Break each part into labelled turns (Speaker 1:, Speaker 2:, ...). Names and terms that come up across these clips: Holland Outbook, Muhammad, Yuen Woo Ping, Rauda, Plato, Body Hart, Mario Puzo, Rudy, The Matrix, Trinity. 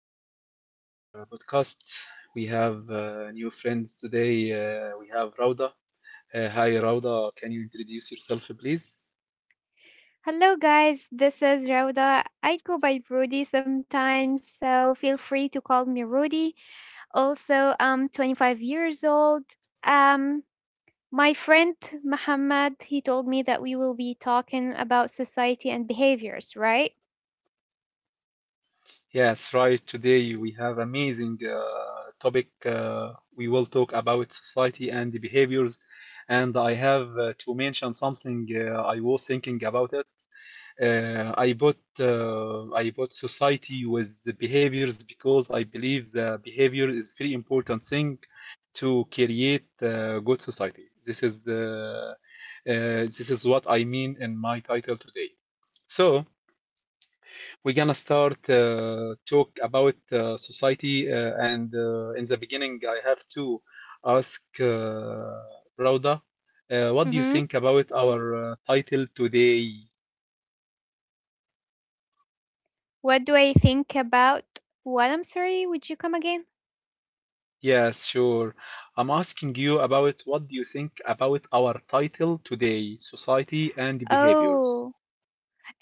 Speaker 1: gonna start our podcast. We have new friends today. We have Rauda. Hi Rauda, can you introduce yourself, please?
Speaker 2: Hello, guys. This is Rauda. I go by Rudy sometimes, so feel free to call me Rudy. Also, I'm 25 years old. Um, my friend Muhammad, he told me that we will be talking about society and behaviors, right?
Speaker 1: Yes, right. Today we have amazing topic. We will talk about society and the behaviors. And I have to mention something. I was thinking about it. I bought society with the behaviors because I believe the behavior is very important thing to create good society. This is what I mean in my title today. So we're gonna start talk about society, and in the beginning, I have to ask Rauda, what do you
Speaker 2: Mm-hmm.
Speaker 1: think about our title today?
Speaker 2: What do I think about? What? I'm sorry. Would you come again?
Speaker 1: Yes, sure. I'm asking you about what do you think about our title today, society and behaviors.
Speaker 2: Oh,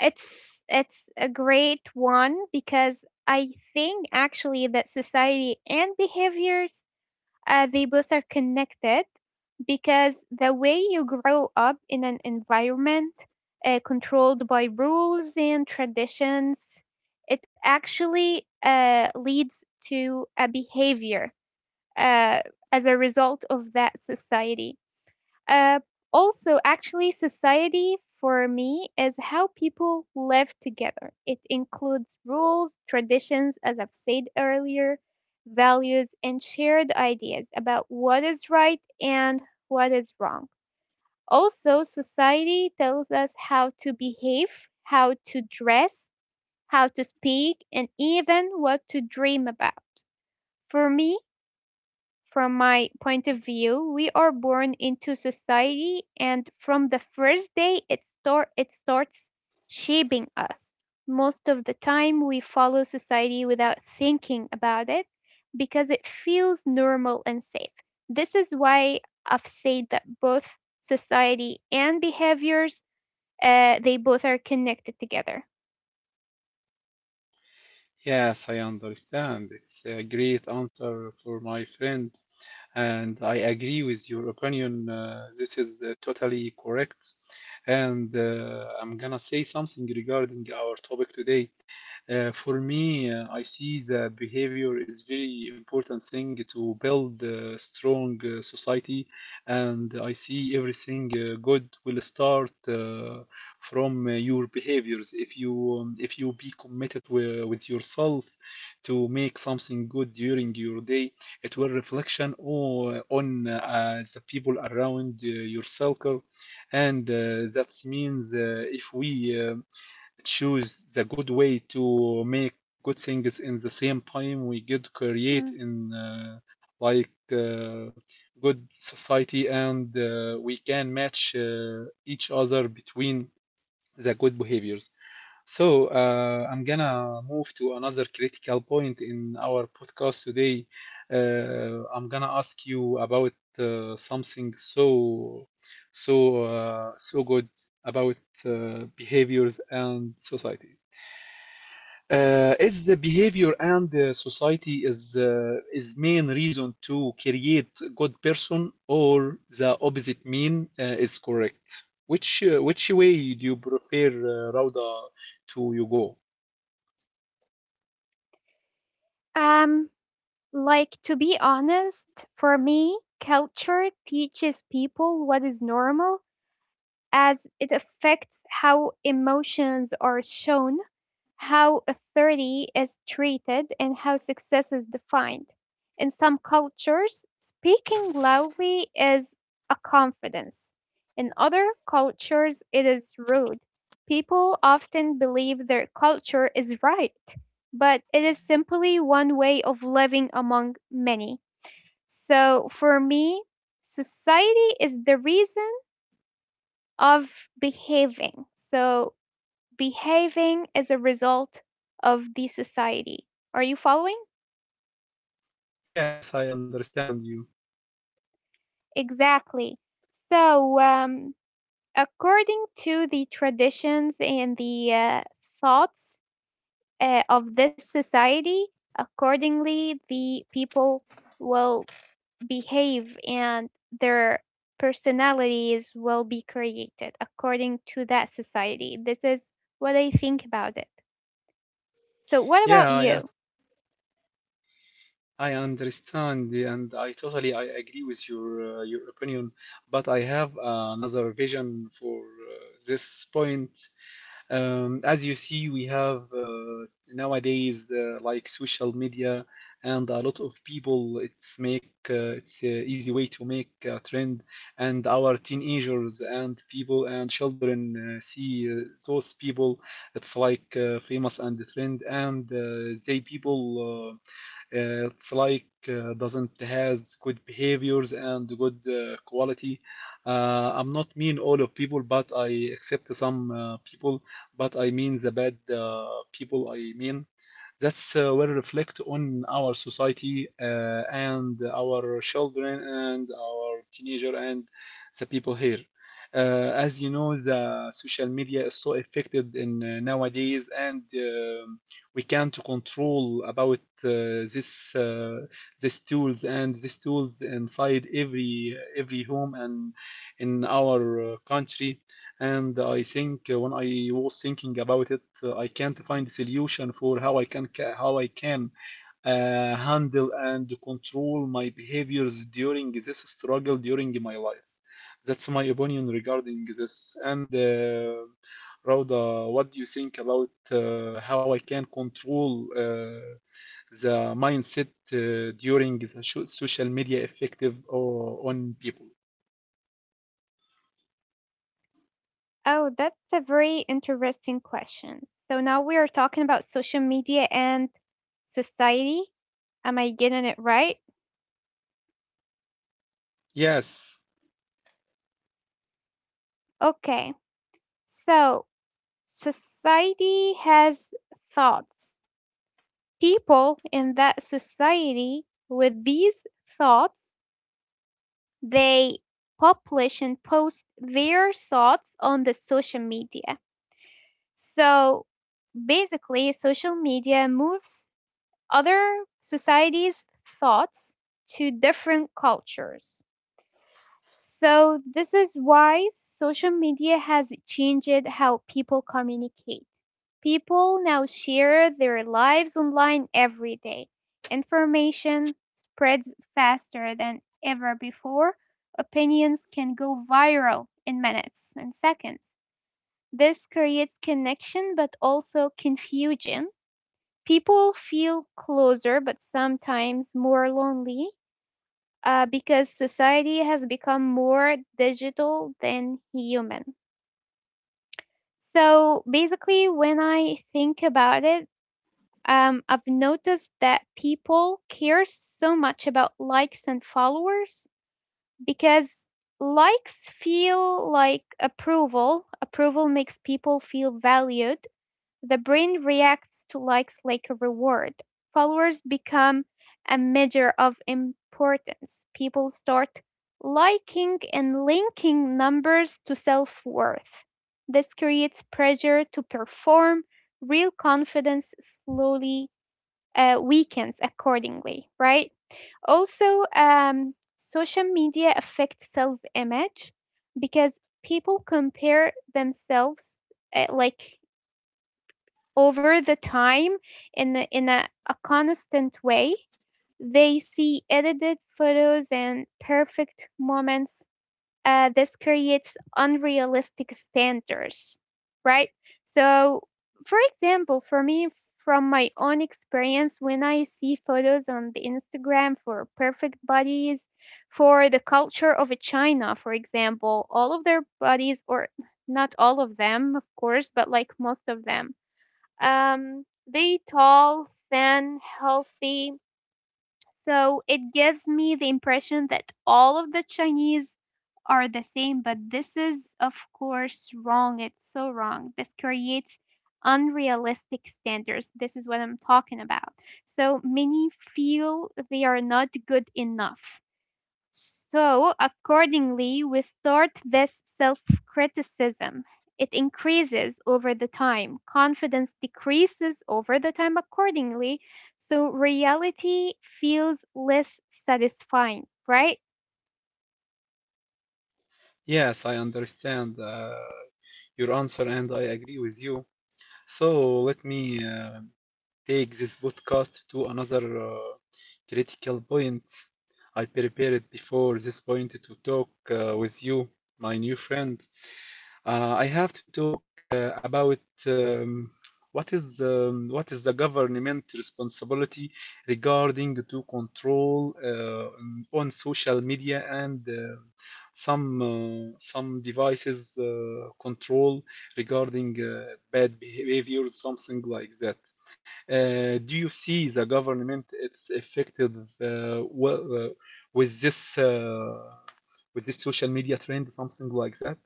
Speaker 2: it's a great one because I think actually that society and behaviors they both are connected because the way you grow up in an environment controlled by rules and traditions, it actually leads to a behavior uh, as a result of that society. Uh, Also, actually, society for me is how people live together. It includes rules, traditions, as I've said earlier, values, and shared ideas about what is right and what is wrong. Also, society tells us how to behave, how to dress, how to speak, and even what to dream about. For me, from my point of view, we are born into society, and from the first day it starts shaping us. Most of the time, we follow society without thinking about it because it feels normal and safe. This is why I've said that both society and behaviors, they both are connected together.
Speaker 1: Yes, I understand. It's a great answer for my friend, and I agree with your opinion. This is totally correct. And I'm gonna say something regarding our topic today. For me, I see the behavior is very important thing to build a strong society, and I see everything good will start from your behaviors. If you be committed with yourself to make something good during your day, it will reflection on the people around your circle, and that means if we um, choose the good way to make good things in the same time we could create
Speaker 2: Mm.
Speaker 1: in like good society and we can match each other between the good behaviors. So I'm gonna move to another critical point in our podcast today. I'm gonna ask you about something so good about behaviors and society. Is the behavior and the society is main reason to create good person or the opposite mean is correct? Which way do you prefer, Rauda, to you go?
Speaker 2: Um, Like, to be honest, for me, culture teaches people what is normal as it affects how emotions are shown, how authority is treated, and how success is defined. In some cultures, speaking loudly is a confidence. In other cultures, it is rude. People often believe their culture is right, but it is simply one way of living among many. So for me, society is the reason of behaving. So behaving as a result of the society. Are you following?
Speaker 1: Yes, I understand you.
Speaker 2: Exactly. So, according to the traditions and the thoughts of this society, accordingly, the people will behave and their personalities will be created according to that society. This is what I think about it. So, what about
Speaker 1: Yeah, yeah,
Speaker 2: you?
Speaker 1: I understand, and I totally I agree with your opinion. But I have another vision for this point. As you see, we have nowadays like social media and a lot of people. It's make it's a easy way to make a trend, and our teenagers and people and children see those people. It's like famous and the trend, and they people. It's like doesn't has good behaviors and good quality. I'm not mean all of people, but I accept some people. But I mean the bad people. I mean that's will reflect on our society and our children and our teenager and the people here. As you know, the social media is so affected in nowadays, and we can't control about this uh, these tools and these tools inside every home and in our country and I think when I was thinking about it, I can't find a solution for how I can handle and control my behaviors during this struggle during my life. That's my opinion regarding this. And Rauda, what do you think about how I can control the mindset during the social media effective on people?
Speaker 2: Oh, that's a very interesting question. So now we are talking about social media and society. Am I getting it right?
Speaker 1: Yes,
Speaker 2: Okay. So society has thoughts. People in that society with these thoughts, they publish and post their thoughts on the social media. So, basically, social media moves other societies' thoughts to different cultures. So, this is why social media has changed how people communicate. People now share their lives online every day. Information spreads faster than ever before. Opinions can go viral in minutes and seconds. This creates connection but also confusion. People feel closer but sometimes more lonely because society has become more digital than human. So basically, when I think about it, I've noticed that people care so much about likes and followers because likes feel like approval. Approval makes people feel valued. The brain reacts to likes like a reward. Followers become a measure of importance. People start liking and linking numbers to self worth. This creates pressure to perform. Real confidence slowly weakens accordingly, right? Also, social media affects self image because people compare themselves like over the time in a constant way. They see edited photos and perfect moments. This creates unrealistic standards, right? So, for example, for me, from my own experience, when I see photos on the Instagram for perfect bodies, for the culture of China, for example, all of their bodies, or not all of them, of course, but like most of them, they tall, thin, healthy. So it gives me the impression that all of the Chinese are the same, but this is, of course, wrong. It's so wrong. This creates unrealistic standards. This is what I'm talking about. So many feel they are not good enough. So, accordingly, we start this self criticism. It increases over the time. Confidence decreases over the time, accordingly. So, reality feels less satisfying, right?
Speaker 1: yes, I understand. Your answer, and I agree with you. So let me take this podcast to another critical point. I prepared before this point to talk with you, my new friend. I have to talk about um, what is the government responsibility regarding to control on social media and some devices control regarding bad behaviors, something like that. Do you see the government it's affected well, with this uh, with this social media trend, something like that?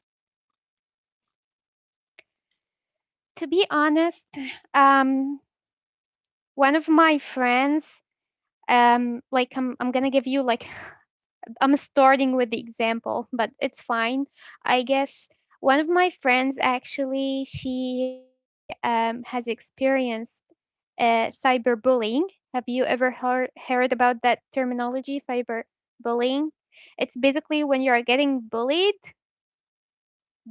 Speaker 2: To be honest, um, one of my friends, I'm gonna give you like I'm starting with the example, but it's fine. I guess one of my friends actually she has experienced cyberbullying. Have you ever heard about that terminology, cyberbullying? It's basically when you are getting bullied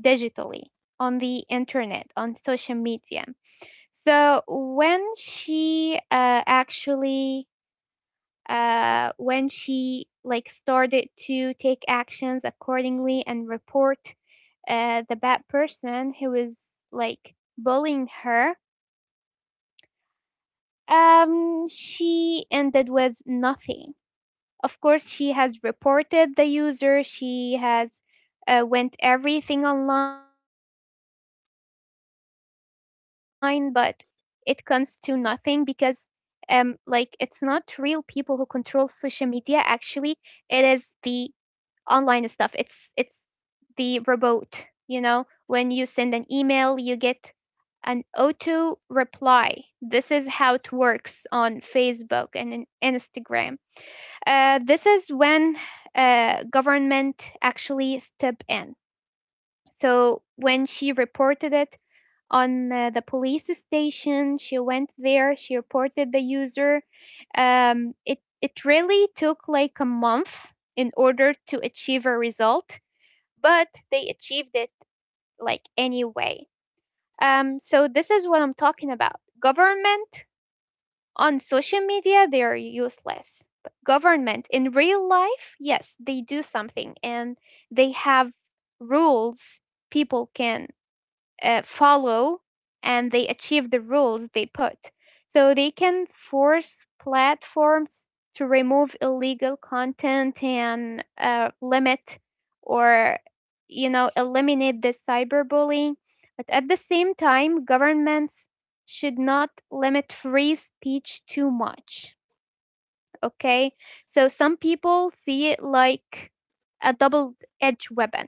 Speaker 2: digitally on the internet, on social media. So when she when she like started to take actions accordingly and report the bad person who was like bullying her, she ended with nothing. Of course, she has reported the user. She has went everything online, but it comes to nothing because like it's not real people who control social media. Actually, it is the online stuff. It's the robot. You know, when you send an email you get an auto reply. This is how it works on Facebook and in Instagram. This is when government actually step in. So when she reported it on the police station, she went there. She reported the user. It really took like a month in order to achieve a result, but they achieved it like anyway. So this is what I'm talking about. Government on social media, they are useless. But government in real life, yes, they do something and they have rules people can follow and they achieve the rules they put. So they can force platforms to remove illegal content and limit or, you know, eliminate the cyberbullying. But at the same time, governments should not limit free speech too much. Okay, so some people see it like a double edged weapon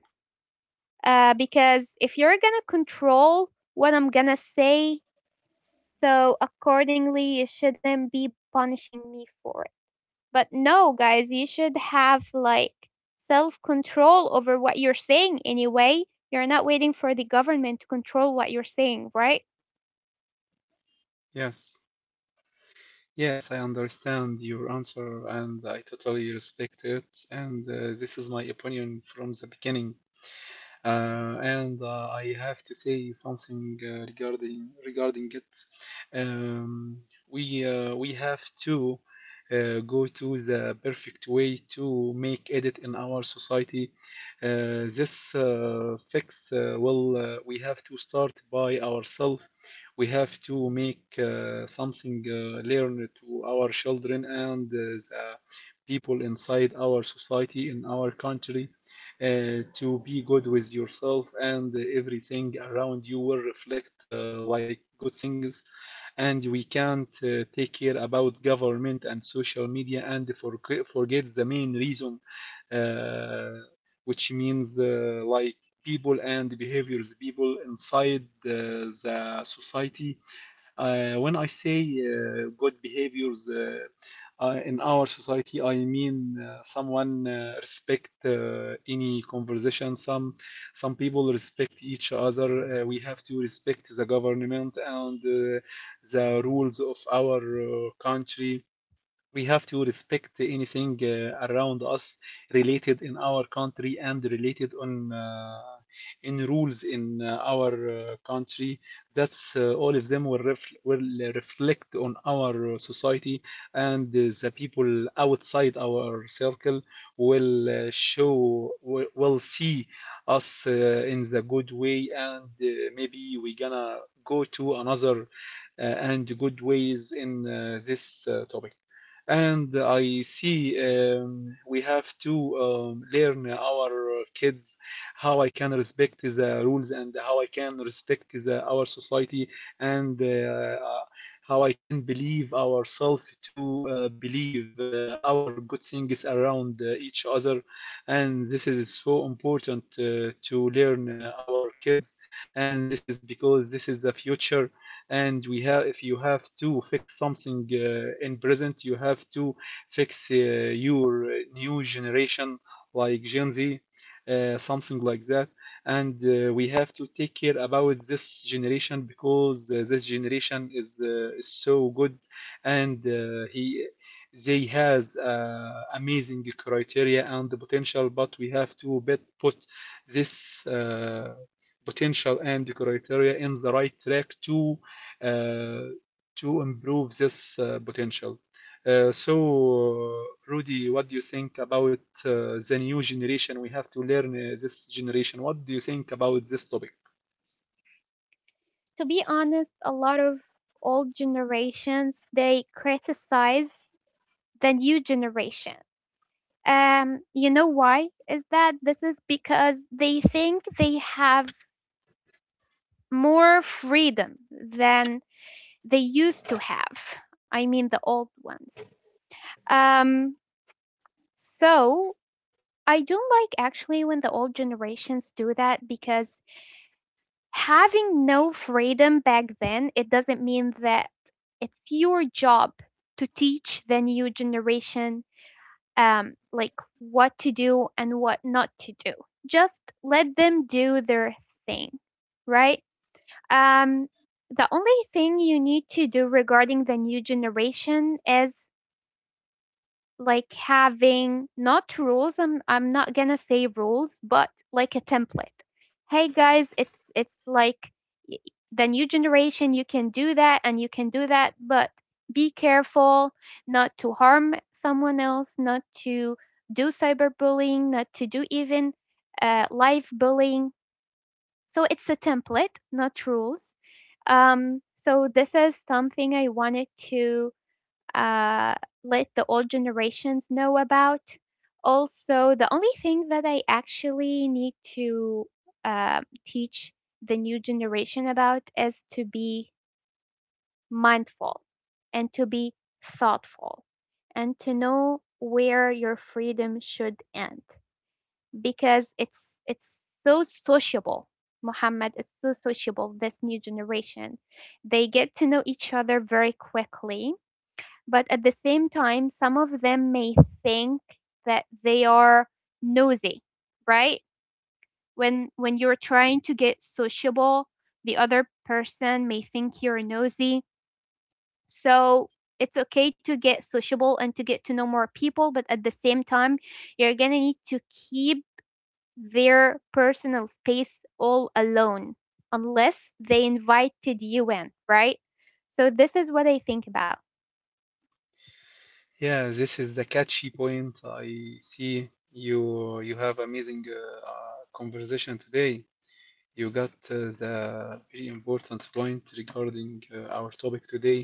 Speaker 2: because if you're gonna control what I'm gonna say, so accordingly, you shouldn't be punishing me for it. But no, guys, you should have like self control over what you're saying anyway. You're not waiting for the government to control what you're saying, right?
Speaker 1: Yes, yes, I understand your answer, and I totally respect it. And this is my opinion from the beginning. And I have to say something regarding it. Um, we have to go to the perfect way to make edit in our society. This fix well, we have to start by ourselves. We have to make something learn to our children and the people inside our society in our country to be good with yourself and everything around you will reflect like good things and we can't take care about government and social media and forget the main reason uh, which means like people and behaviors people inside the society when I say good behaviors in our society, I mean someone respect any conversation. Some people respect each other. We have to respect the government and the rules of our country. We have to respect anything around us related in our country and related on in rules in our country that's all of them will reflect on our society and the people outside our circle will will see us in the good way and maybe we gonna go to another and good ways in this topic and I see we have to learn our kids how I can respect the rules and how I can respect our society and how I can believe ourselves to believe our good things around each other. And this is so important to learn our kids. And this is because this is the future and we have if you have to fix something in present you have to fix your new generation like Gen Z something like that and we have to take care about this generation because this generation is so good and he they has amazing criteria and the potential but we have to put this potential and criteria in the right track uh, to improve this potential. So, Rudy, what do you think about the new generation? We have to learn this generation. What do you think about this topic?
Speaker 2: To be honest, a lot of old generations they criticize the new generation. You know why? Is that this is because they think they have more freedom than they used to have. I mean, the old ones. Um, so I don't like actually when the old generations do that because having no freedom back then, it doesn't mean that it's your job to teach the new generation like what to do and what not to do. Just let them do their thing, right? Um, the only thing you need to do regarding the new generation is like having not rules. I'm not gonna say rules, but like a template. Hey guys, it's like y- the new generation. You can do that and you can do that, but be careful not to harm someone else, not to do cyberbullying, not to do even live bullying. So it's a template, not rules. So this is something I wanted to uh, let the old generations know about. Also, the only thing that I actually need to teach the new generation about is to be mindful and to be thoughtful and to know where your freedom should end because it's so sociable. Muhammad, is so sociable this new generation. They get to know each other very quickly, but at the same time some of them may think that they are nosy, right? When you're trying to get sociable, the other person may think you're nosy. So it's okay to get sociable and to get to know more people, but at the same time you're going to need to keep their personal space all alone unless they invited you in, right? So, this is what I think about.
Speaker 1: Yeah, this is a catchy point. I see you have amazing conversation today. You got the very important point regarding our topic today.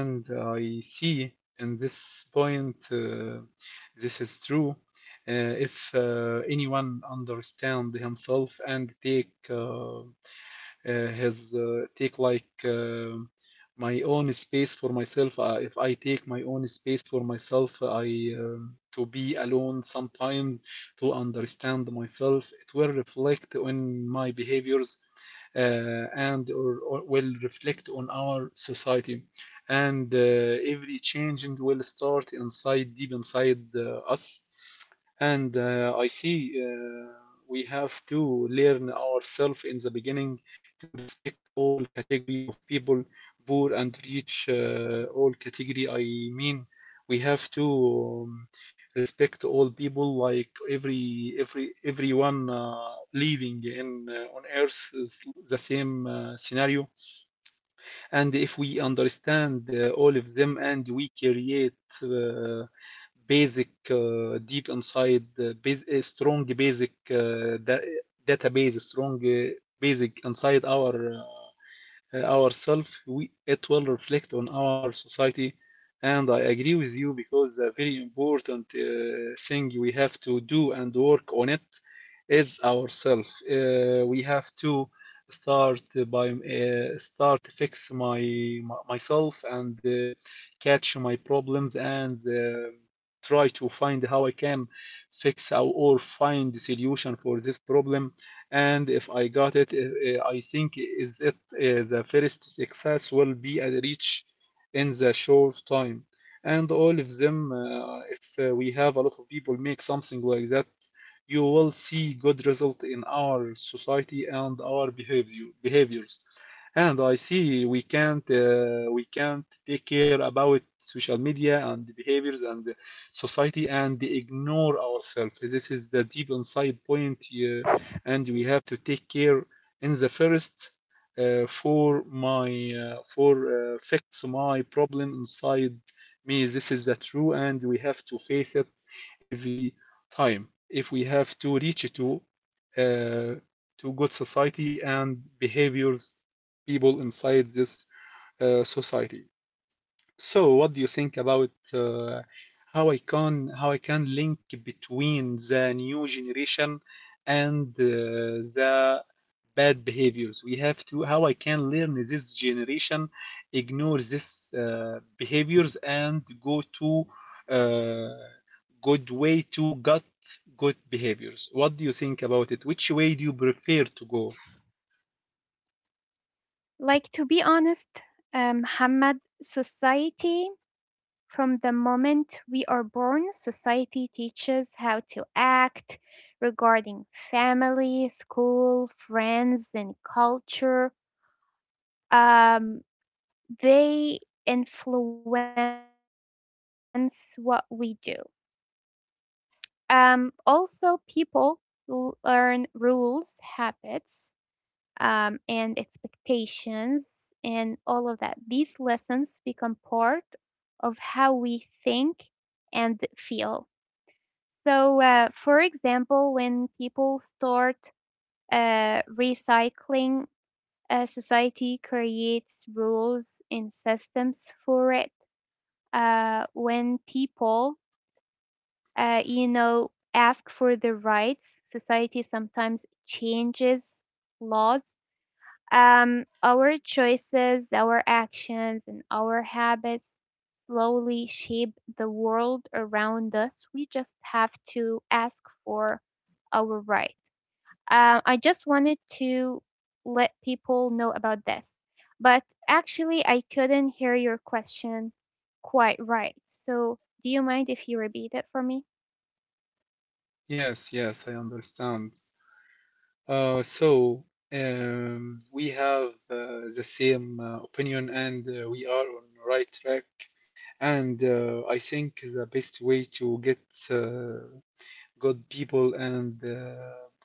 Speaker 1: And I see in this point this is true. If anyone understand himself and take has take like my own space for myself. If I take my own space for myself, I to be alone sometimes to understand myself. It will reflect on my behaviors and or will reflect on our society. And every change will start inside, deep inside us. And I see we have to learn ourselves in the beginning to respect all category of people, poor and rich, all category. I mean, we have to um, respect all people, like everyone living in on Earth is the same scenario. And if we understand all of them, and we create. Basic deep inside a strong basic database strong basic inside our ourselves, it will reflect on our society. And I agree with you because a very important thing we have to do and work on it is ourselves. We have to start by start fix my, my myself and catch my problems and try to find how I can fix or find the solution for this problem and if I got it, I think is it the first success will be a reach in the short time. And all of them, if we have a lot of people make something like that, you will see good result in our society and our behaviors. And I see we can't take care about social media and the behaviors and the society and ignore ourselves. This is the deep inside point and we have to take care in the first for my for fix my problem inside me this is the true and we have to face it every time if we have to reach uh, to good society and behaviors people inside this society so, what do you think about how I can link between the new generation and the bad behaviors? We have to how I can learn this generation ignore this behaviors and go to uh, good way to get good behaviors. What do you think about it? Which way do you prefer to go?
Speaker 2: Like, to be honest, Muhammad, society from the moment we are born, society teaches how to act regarding family, school, friends, and culture. Um, they influence what we do. Also, people learn rules, habits, and expectations, and all of that. These lessons become part of how we think and feel. So, for example, when people start recycling, society creates rules and systems for it. When people you know, ask for their rights. Society sometimes changes laws. Our choices, our actions, and our habits slowly shape the world around us. We just have to ask for our right. I just wanted to let people know about this. But actually, I couldn't hear your question quite right. So, do you mind if you repeat it for me?
Speaker 1: Yes, yes, I understand. So we have the same opinion, and we are on the right track. And I think the best way to get uh, good people and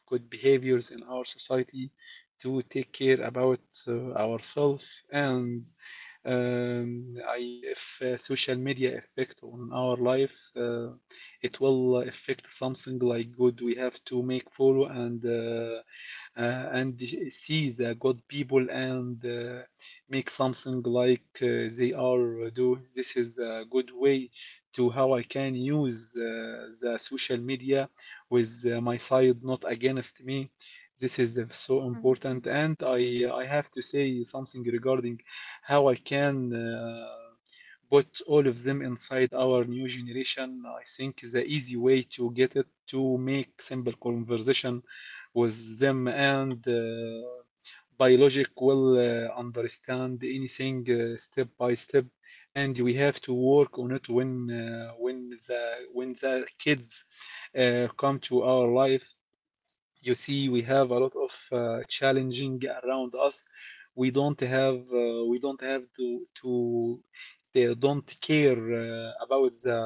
Speaker 1: good behaviors in our society to take care about ourselves, and if social media affect on our life, it will affect something like good. We have to make follow and see the good people and make something like they are do. This is a good way to how I can use the social media with my side, not against me. This is so
Speaker 2: Mhm.
Speaker 1: important, and I have to say something regarding how I can. Put all of them inside our new generation. I think the easy way to get it to make simple conversation with them, and biologic will understand anything step by step, and we have to work on it uh, when the when the kids come to our life. You see, we have a lot of challenging around us. We don't have we don't have to they don't care about the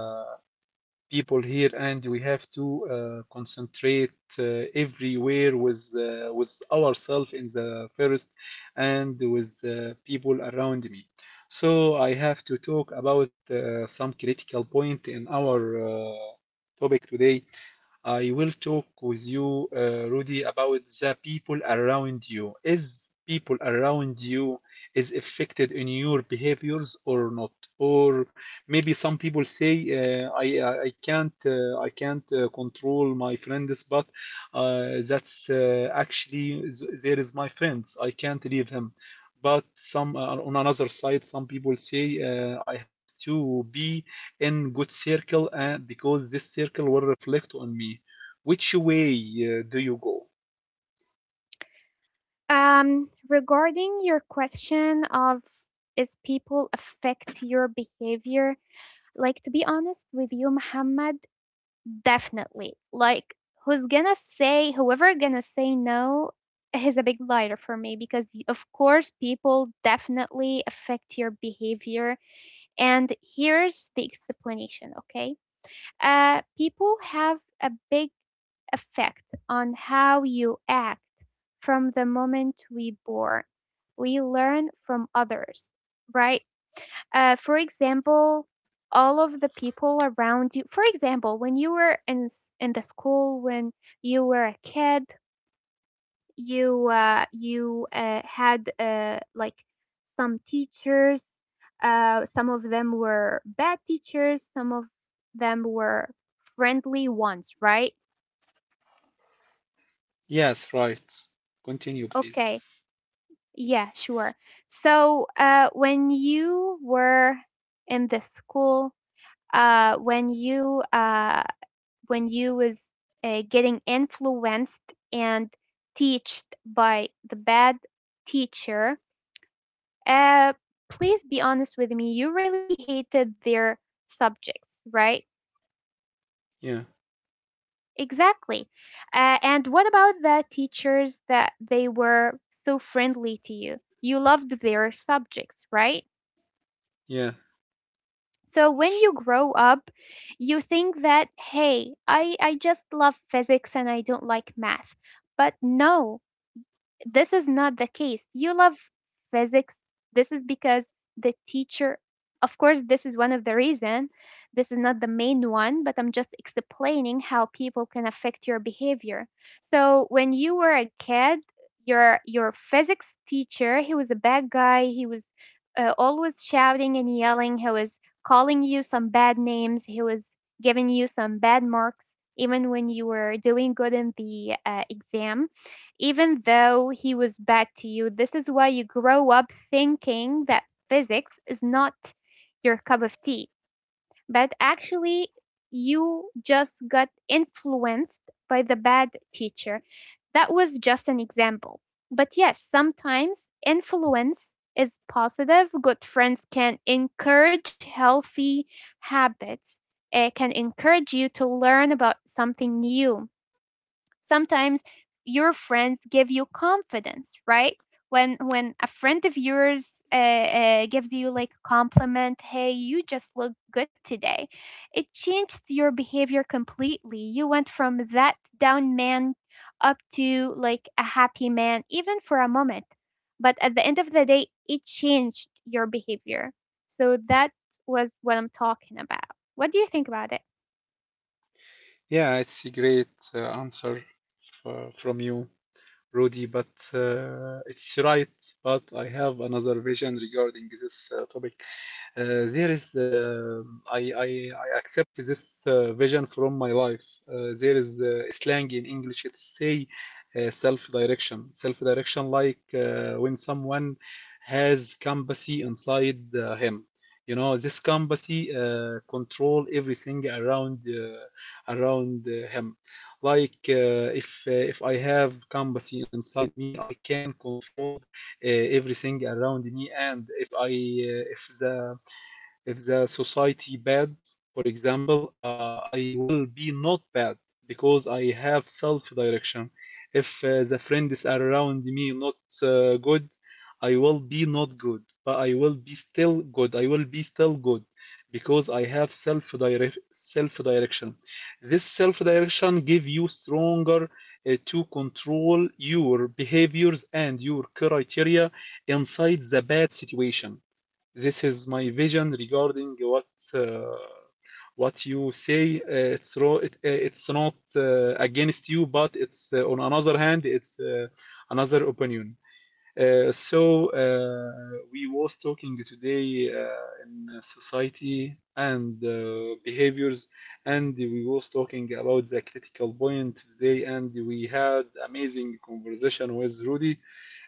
Speaker 1: people here, and we have to concentrate everywhere with ourselves in the first, and with people around me. So I have to talk about some critical point in our uh, topic today. I will talk with you, Rudy, about the people around you. Is people around you is affected in your behaviors or not? Or maybe some people say, I can't control my friends, but that's actually there is my friends. I can't leave him. But some on another side, some people say, I have to be in good circle and because this circle will reflect on me. Which way do you go?
Speaker 2: Regarding your question of is people affect your behavior? Like to be honest with you, Muhammad, definitely. Like who's gonna say whoever gonna say no is a big liar for me because of course people definitely affect your behavior. And here's the explanation, okay? People have a big effect on how you act from the moment we born. We learn from others, right? For example, all of the people around you. For example, when you were in the school when you were a kid, you had like some teachers. Some of them were bad teachers. Some of them were friendly ones, right?
Speaker 1: Yes, right. Continue, please.
Speaker 2: Okay. Yeah, sure. So, when you were in the school, uh, when you uh, when you was getting influenced and teached by the bad teacher, uh, please be honest with me. You really hated their subjects, right?
Speaker 1: Yeah,
Speaker 2: Exactly. And what about the teachers that they were so friendly to you? You loved their subjects, right?
Speaker 1: yeah,
Speaker 2: So when you grow up, you think that, hey, I just love physics and I don't like math. But no, this is not the case. You love physics. This is because the teacher, of course, this is one of the reason. This is not the main one, but I'm just explaining how people can affect your behavior. So when you were a kid, your physics teacher, he was a bad guy. He was always shouting and yelling. He was calling you some bad names. He was giving you some bad marks, even when you were doing good in the exam. Even though he was bad to you, this is why you grow up thinking that physics is not your cup of tea. But actually, you just got influenced by the bad teacher. That was just an example. But yes, sometimes influence is positive. Good friends can encourage healthy habits, it can encourage you to learn about something new. Sometimes your friends give you confidence, right? When a friend of yours gives you like a compliment, hey, you just look good today. It changed your behavior completely. You went from that down man up to like a happy man, even for a moment. But at the end of the day, it changed your behavior. So that was what I'm talking about. What do you think about it?
Speaker 1: yeah. It's a great answer from you, Rudy, but it's right. But I have another vision regarding this topic. There is, I, I, I accept this vision from my life. There is slang in English. It say self-direction. Self-direction, like when someone has compassion inside him. You know, this compassion control everything around him. Like if I have compassion inside me, I can control everything around me. And if the society bad, for example, I will be not bad because I have self-direction. If the friends around me not good, I will be not good, but I will be still good. I will be still good because I have self-direction. This self-direction give you stronger to control your behaviors and your criteria inside the bad situation. This is my vision regarding uh, what you say. It's not against you, but it's on another hand, it's another opinion. We was talking today in society and behaviors, and we was talking about the critical point today, and we had amazing conversation with Rudy.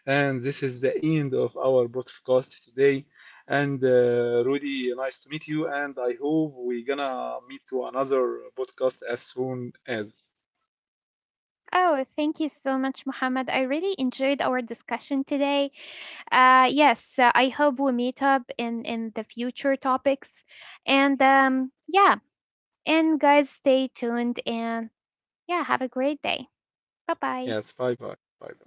Speaker 1: And this is the end of our podcast today. And Rudy, nice to meet you. And I hope we're gonna meet to another podcast as soon as.
Speaker 2: Oh, thank you so much, Mohammed. I really enjoyed our discussion today. Yes, I hope we meet up in the future topics. And yeah, and guys, stay tuned and yeah, have a great day. Bye bye.
Speaker 1: Yes, bye bye. Bye bye.